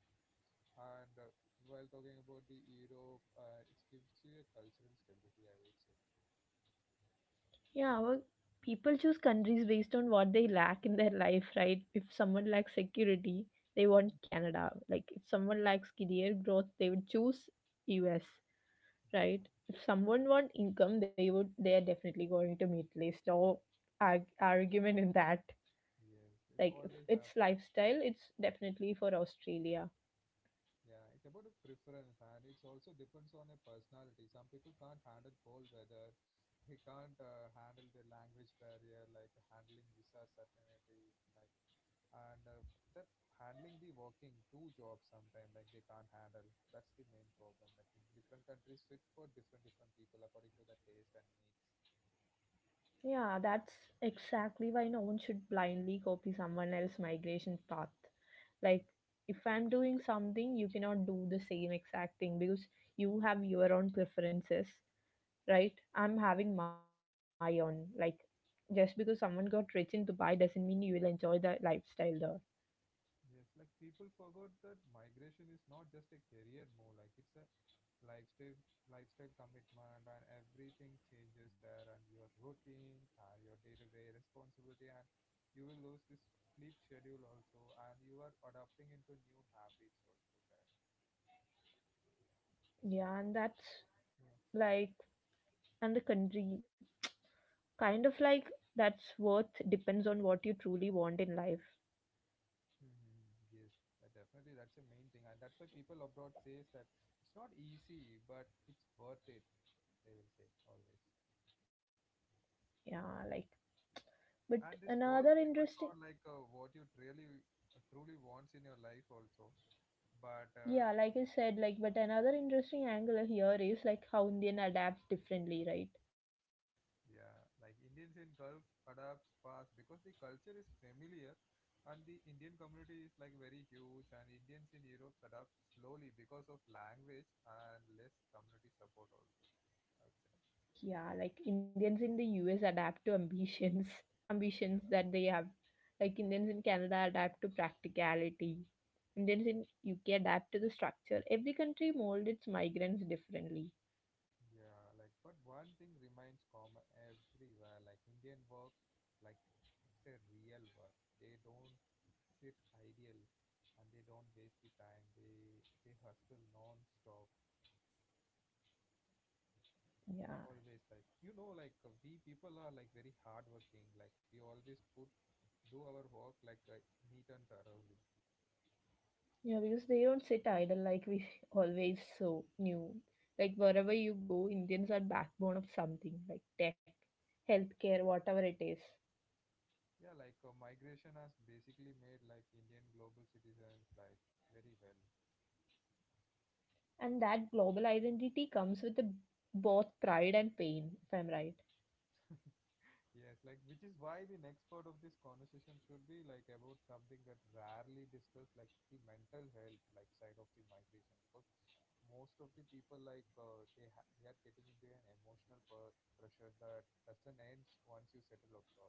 And while talking about the Europe, it gives you a cultural stability, I would say. Yeah, well, people choose countries based on what they lack in their life, right? If someone Right. lacks security, they want Mm. Canada. Like if someone lacks career growth, they would choose US, Yeah, right? If someone want income, they would— they are definitely going to meet list or argument in that. yes, it's Like if always it's happening. lifestyle, it's definitely for Australia. Yeah, it's about a preference, and it also depends on a personality. Some people can't handle cold weather. They can't handle the language barrier, like handling visa certainty, like, and that handling the working two jobs sometimes, like they can't handle. That's the main problem. Like different countries fit for different different people according to the taste and needs. Yeah, that's exactly why no one should blindly copy someone else's migration path. Like, if I'm doing something, you cannot do the same exact thing because you have your own preferences, right? I'm having Yeah. my own. Like, just because someone got rich in Dubai doesn't mean you will enjoy the lifestyle there. Yes, like people forgot that migration is not just a career move, like it's a lifestyle lifestyle commitment and everything changes there, and your routine, your day-to-day responsibility, and you will lose this sleep schedule also, and you are adapting into new habits also there. Yeah, and that's Yeah. like, and the country kind of like that's worth depends on what you truly want in life. Hmm. Yes, that definitely that's a main thing, and that's why people abroad says that it's not easy but it's worth it, they will say always. Yeah, like, but And this another works depends interesting on like, what you really truly wants in your life also, but Yeah, like I said, like but another interesting angle here is like how Indian adapts differently, right? yeah, like Indians in Gulf adapts fast because the culture is familiar, and the Indian community is like very huge. And Indians in Europe adapt slowly because of language and less community support also, I would say. Yeah, like Indians in the US adapt to ambitions, Yeah. ambitions that they have. Like Indians in Canada adapt to practicality. Indians in UK adapt to the structure. Every country molds its migrants differently. Yeah, like, but one thing remains common everywhere, like Indian work, like it's a real work. They don't sit idle, and they don't waste the time. They hustle non-stop, Yeah. always. Like like we people are like very hardworking. Like we always put do our work like neat and thoroughly. Yeah, because they don't sit idle like we always so knew. Like wherever you go, Indians are backbone of something, like tech, healthcare, whatever it is. Yeah, like migration has basically made like Indian global citizens, like very well. And that global identity comes with the both pride and pain, if I'm right. Yes, like which is why the next part of this conversation should be like about something that rarely discussed, like the mental health like side of the migration, because most of the people like they are getting into an pressure that doesn't end once you settle abroad.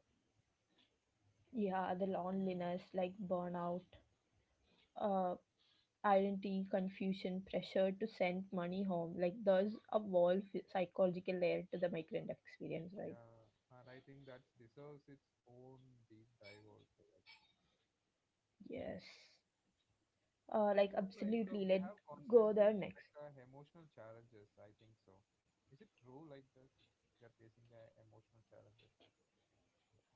Yeah, the loneliness, like burnout, uh, identity confusion, pressure to send money home. Like, there's a whole psychological layer to the migrant experience, right? Yeah, and I think that deserves its own deep dive also. Like, Yes. And Like, like absolutely. we Let have go there constantly next. like emotional challenges. I think so. Is it true like that? We are facing the emotional challenges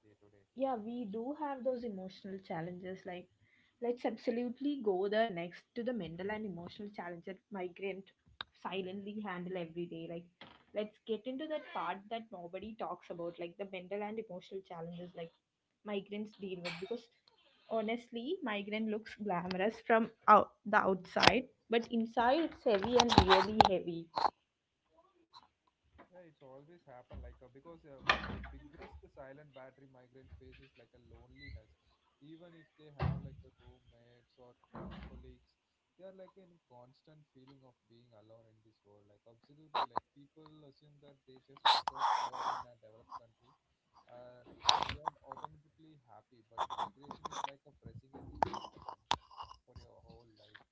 day to day. Yeah, we do have those emotional challenges. Like let's absolutely go there next to the mental and emotional challenge that migrant Mhm. silently handle every day. Like let's get into that part that nobody talks about, like the mental and emotional challenges like migrants deal with. Because honestly, migrant looks glamorous from out the outside, but inside Yeah, it's heavy and really heavy. yeah, it's always happen like because one of the biggest silent battery migrants face is like a loneliness. Even if they have like a roommates or colleagues, they are like in a constant feeling of being alone in this world. Like absolutely, like people assume that they just because you're in a developed country, uh, and you're automatically happy. But migration is like a pressing a reset button, like for your whole life,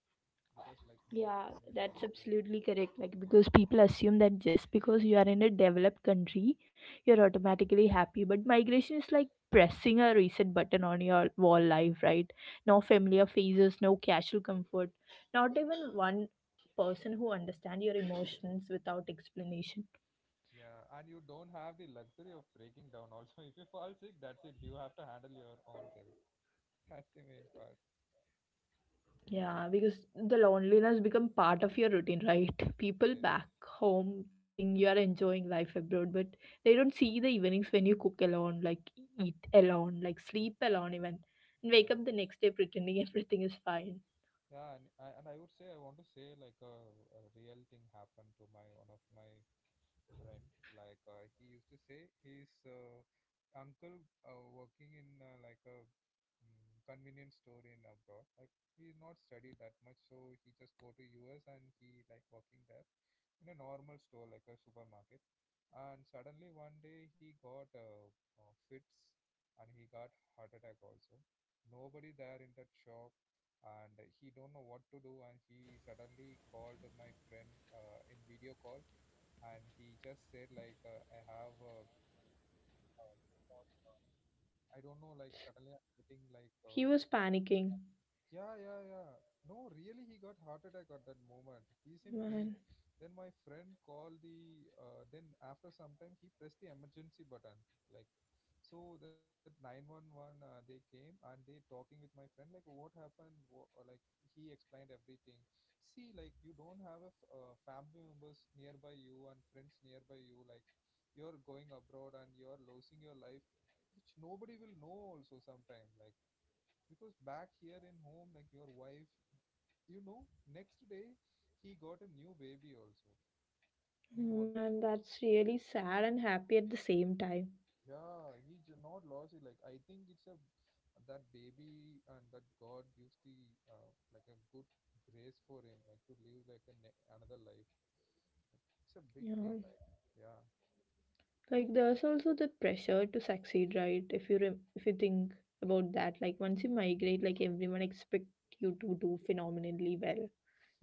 because like no Yeah, familiar that's faces. absolutely correct. Like, Yeah, because people assume that just because you are in a developed country, you're yeah. automatically happy. But migration is like pressing a reset button on your wall life, right? No familiar faces, no casual comfort, not even one person who understands your emotions without explanation. Yeah, and you don't have the luxury of breaking down also. If you fall sick, that's it. You have to handle your own self. That's the main part. Yeah, because the loneliness become part of your routine, right? Yeah, People back home think you are enjoying life abroad, but they don't see the evenings when you cook alone, like eat alone, like sleep alone even, and wake yeah. up the next day pretending everything is fine. Yeah, and I would say I want to say like a real thing happened to my one of my friend. Like he used to say his uncle working in like a convenience store in abroad. Like he not studied that much, so he just go to US and he like working there in a normal store like a supermarket. And suddenly one day he got fits, and he got heart attack also. Nobody there in that shop, and he don't know what to do, and he suddenly called my friend in video call, and he just said like I have uh, I don't know, like suddenly I'm getting like He was panicking. yeah, yeah, yeah. No, really, he got heart attack at that moment. He's in pain. Man, Then my friend called the. Then after some time, he pressed the emergency button. Like, so that 911, they came and they talking with my friend like, what happened? Wha or like he explained everything. See, like you don't have a family members nearby you and friends nearby you. Like, you're going abroad, and you're losing your life, which nobody will know also sometime. Like because back here in home like your wife, you know next day he got a new baby also, newborn baby. Man, that's really sad and happy at the same time. Yeah, he not lost it, like I think it's a, that baby and that god gives the like a good grace for him, like to live like a another life. It's a big Yeah. thing, like yeah. Like there's also the pressure to succeed, right? If you if you think about that, like once you migrate, like everyone expect you to do phenomenally well.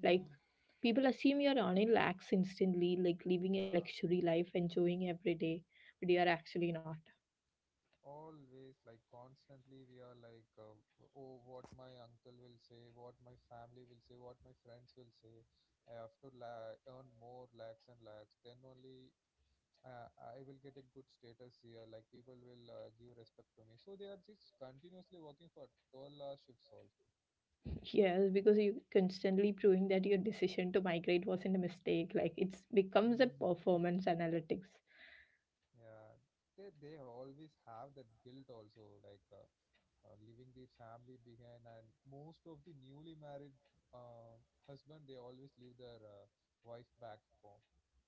Like people assume you're earning lakhs instantly, like living a Yeah, luxury life, enjoying every day, but you are actually not. always, like constantly we are like oh, what my uncle will say, what my family will say, what my friends will say. I have to earn more lakhs and lakhs, then only uh, I will get a good status here, like people will give respect to me. So they are just continuously working for 12-hour shifts also. Yes, because you constantly proving that your decision to migrate wasn't a mistake. Like it's becomes a Mm. performance analytics. Yeah, they always have that guilt also, like leaving their family behind. And most of the newly married uh, husband, they always leave their wife back home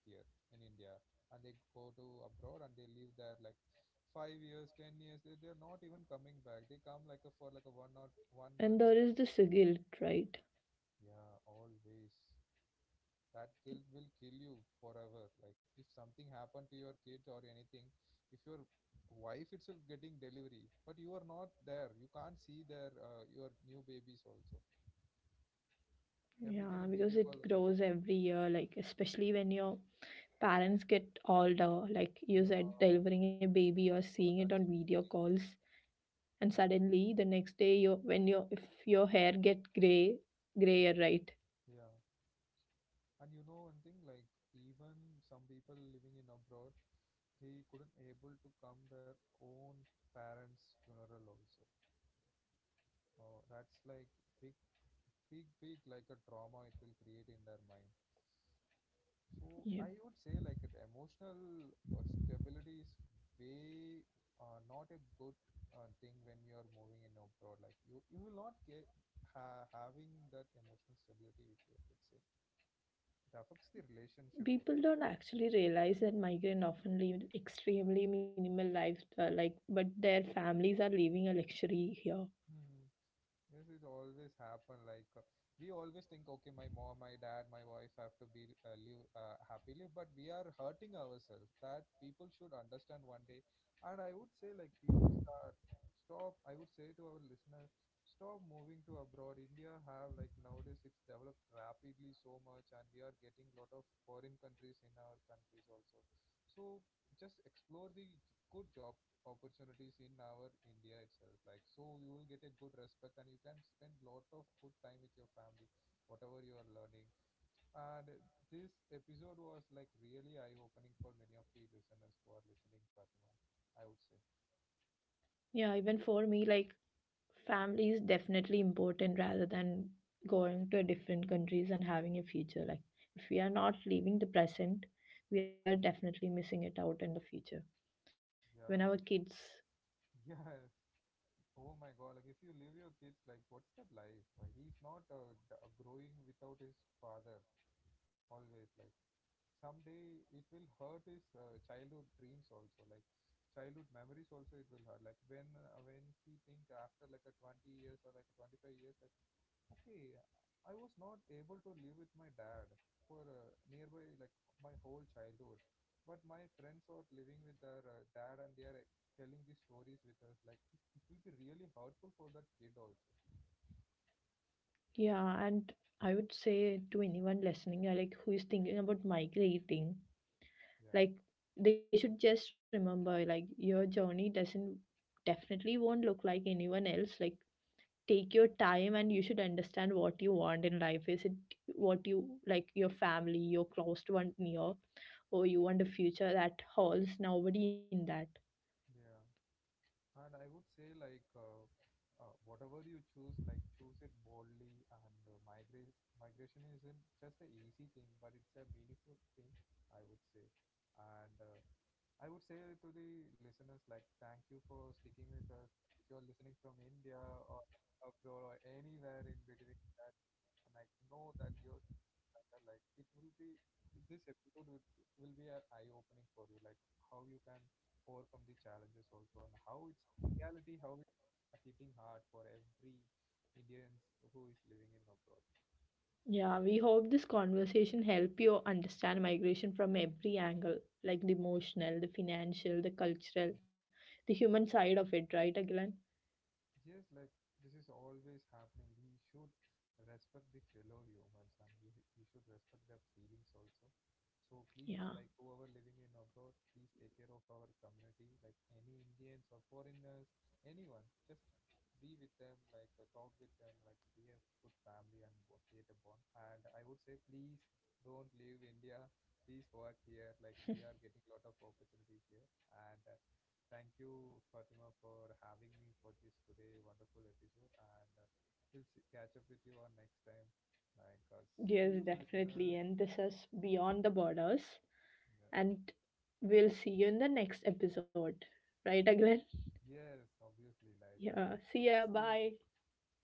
here in India, and they go to abroad, and they live there like 5 years, 10 years. They're not even coming back. They come like a for like a one or one month, And there that's, is this guilt, right? yeah, always that guilt will kill you forever, like if something happened to your kid or anything, if your wife itself getting delivery but you are not there, you can't see their your new babies also. Everything Yeah, in because video call it only you can. grows every year, like especially when you're parents get older, like you Yeah. said, Oh, delivering a baby or oh my seeing it God, on that's a video big thing. calls, and Yeah. suddenly the next day your— when your— if your hair get grayer, right? Yeah, and you know one thing, like even some people living in abroad, they couldn't able to come their own parents funeral also. That's like, big big big like a trauma it will create in their mind. So Yeah. I would say like the emotional stability is way not a good thing when you are moving in abroad. Like you will not get ha having that emotional stability with you. I would say it affects the relationship People also. don't actually realize that migrant often live extremely minimal lives, like but their families are living a luxury here. Hmm. Yes, it always happen. Like we always think, okay, my mom, my dad, my wife have to be live happily, but we are hurting ourselves. That people should understand one day. And I would say, like people start stop. I would say to our listener, stop moving to abroad. India have like nowadays it's developed rapidly so much, and we are getting lot of foreign countries in our countries also. So just explore the good job opportunities in our India itself. Like so, you will get a good respect, and you can spend lot of good time with your family, whatever you are learning. And this episode was like really eye-opening for many of the listeners who are listening, Fatima, I would say. Yeah, even for me, like family is definitely important rather than going to different countries and having a future. Like if we are not living the present, we are Hmm. definitely missing it out in the future. When our Yeah, kids— like, yes. Oh my God! Like if you leave your kids, like what's that life? Like, he's not growing without his father always. Like someday it will hurt his childhood dreams also, like childhood memories also, it will hurt like when he think after like a 20 years or like 25 years, like okay, I was not able to live with my dad for nearby, like my whole childhood, but my friends are living with their dad, and they are telling these stories with us, like it will be really hurtful for that kid also. yeah, and I would say to anyone listening, like who is thinking about migrating, Yeah, like they should just remember, like your journey doesn't definitely won't look like anyone else. Like take your time and you should understand what you want in life. Is it what you like, your family, your close one near, or you want a future that holds nobody in that? yeah. And I would say, like, whatever you choose, like, choose it boldly. And migration isn't just a easy thing, but it's a meaningful thing, I would say. And I would say to the listeners, like, thank you for sticking with us. If you're listening from India or abroad or anywhere in between that, and like, know that you're matter, like it will be, this episode will be an eye opening for you, like how you can overcome the challenges also, and how it's reality, how it's hitting hard for every indians who is living in abroad. Yeah, we hope this conversation help you understand migration from every angle, like the emotional, the financial, the cultural, the human side of it, right, Agilan? Yes, like this is always happening. We should respect the fellow humans, and we should respect their feelings also. So please, Yeah, like whoever living in abroad, please take care of our community, like any Indians or foreigners, anyone. Just be with them, like talk with them, like be a good family and create a bond. And I would say, please don't leave India. Please work here. Like we are getting lot of opportunities here, and thank you, Fatima, for having me for this today wonderful episode, and catch up with you on next time. Like, yes, see you, definitely. listeners. And this is beyond the borders, Yeah. and we'll see you in the next episode, right, Agilan? Yes, obviously. Like, Yeah, see ya, bye. see,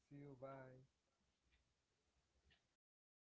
see you. Bye.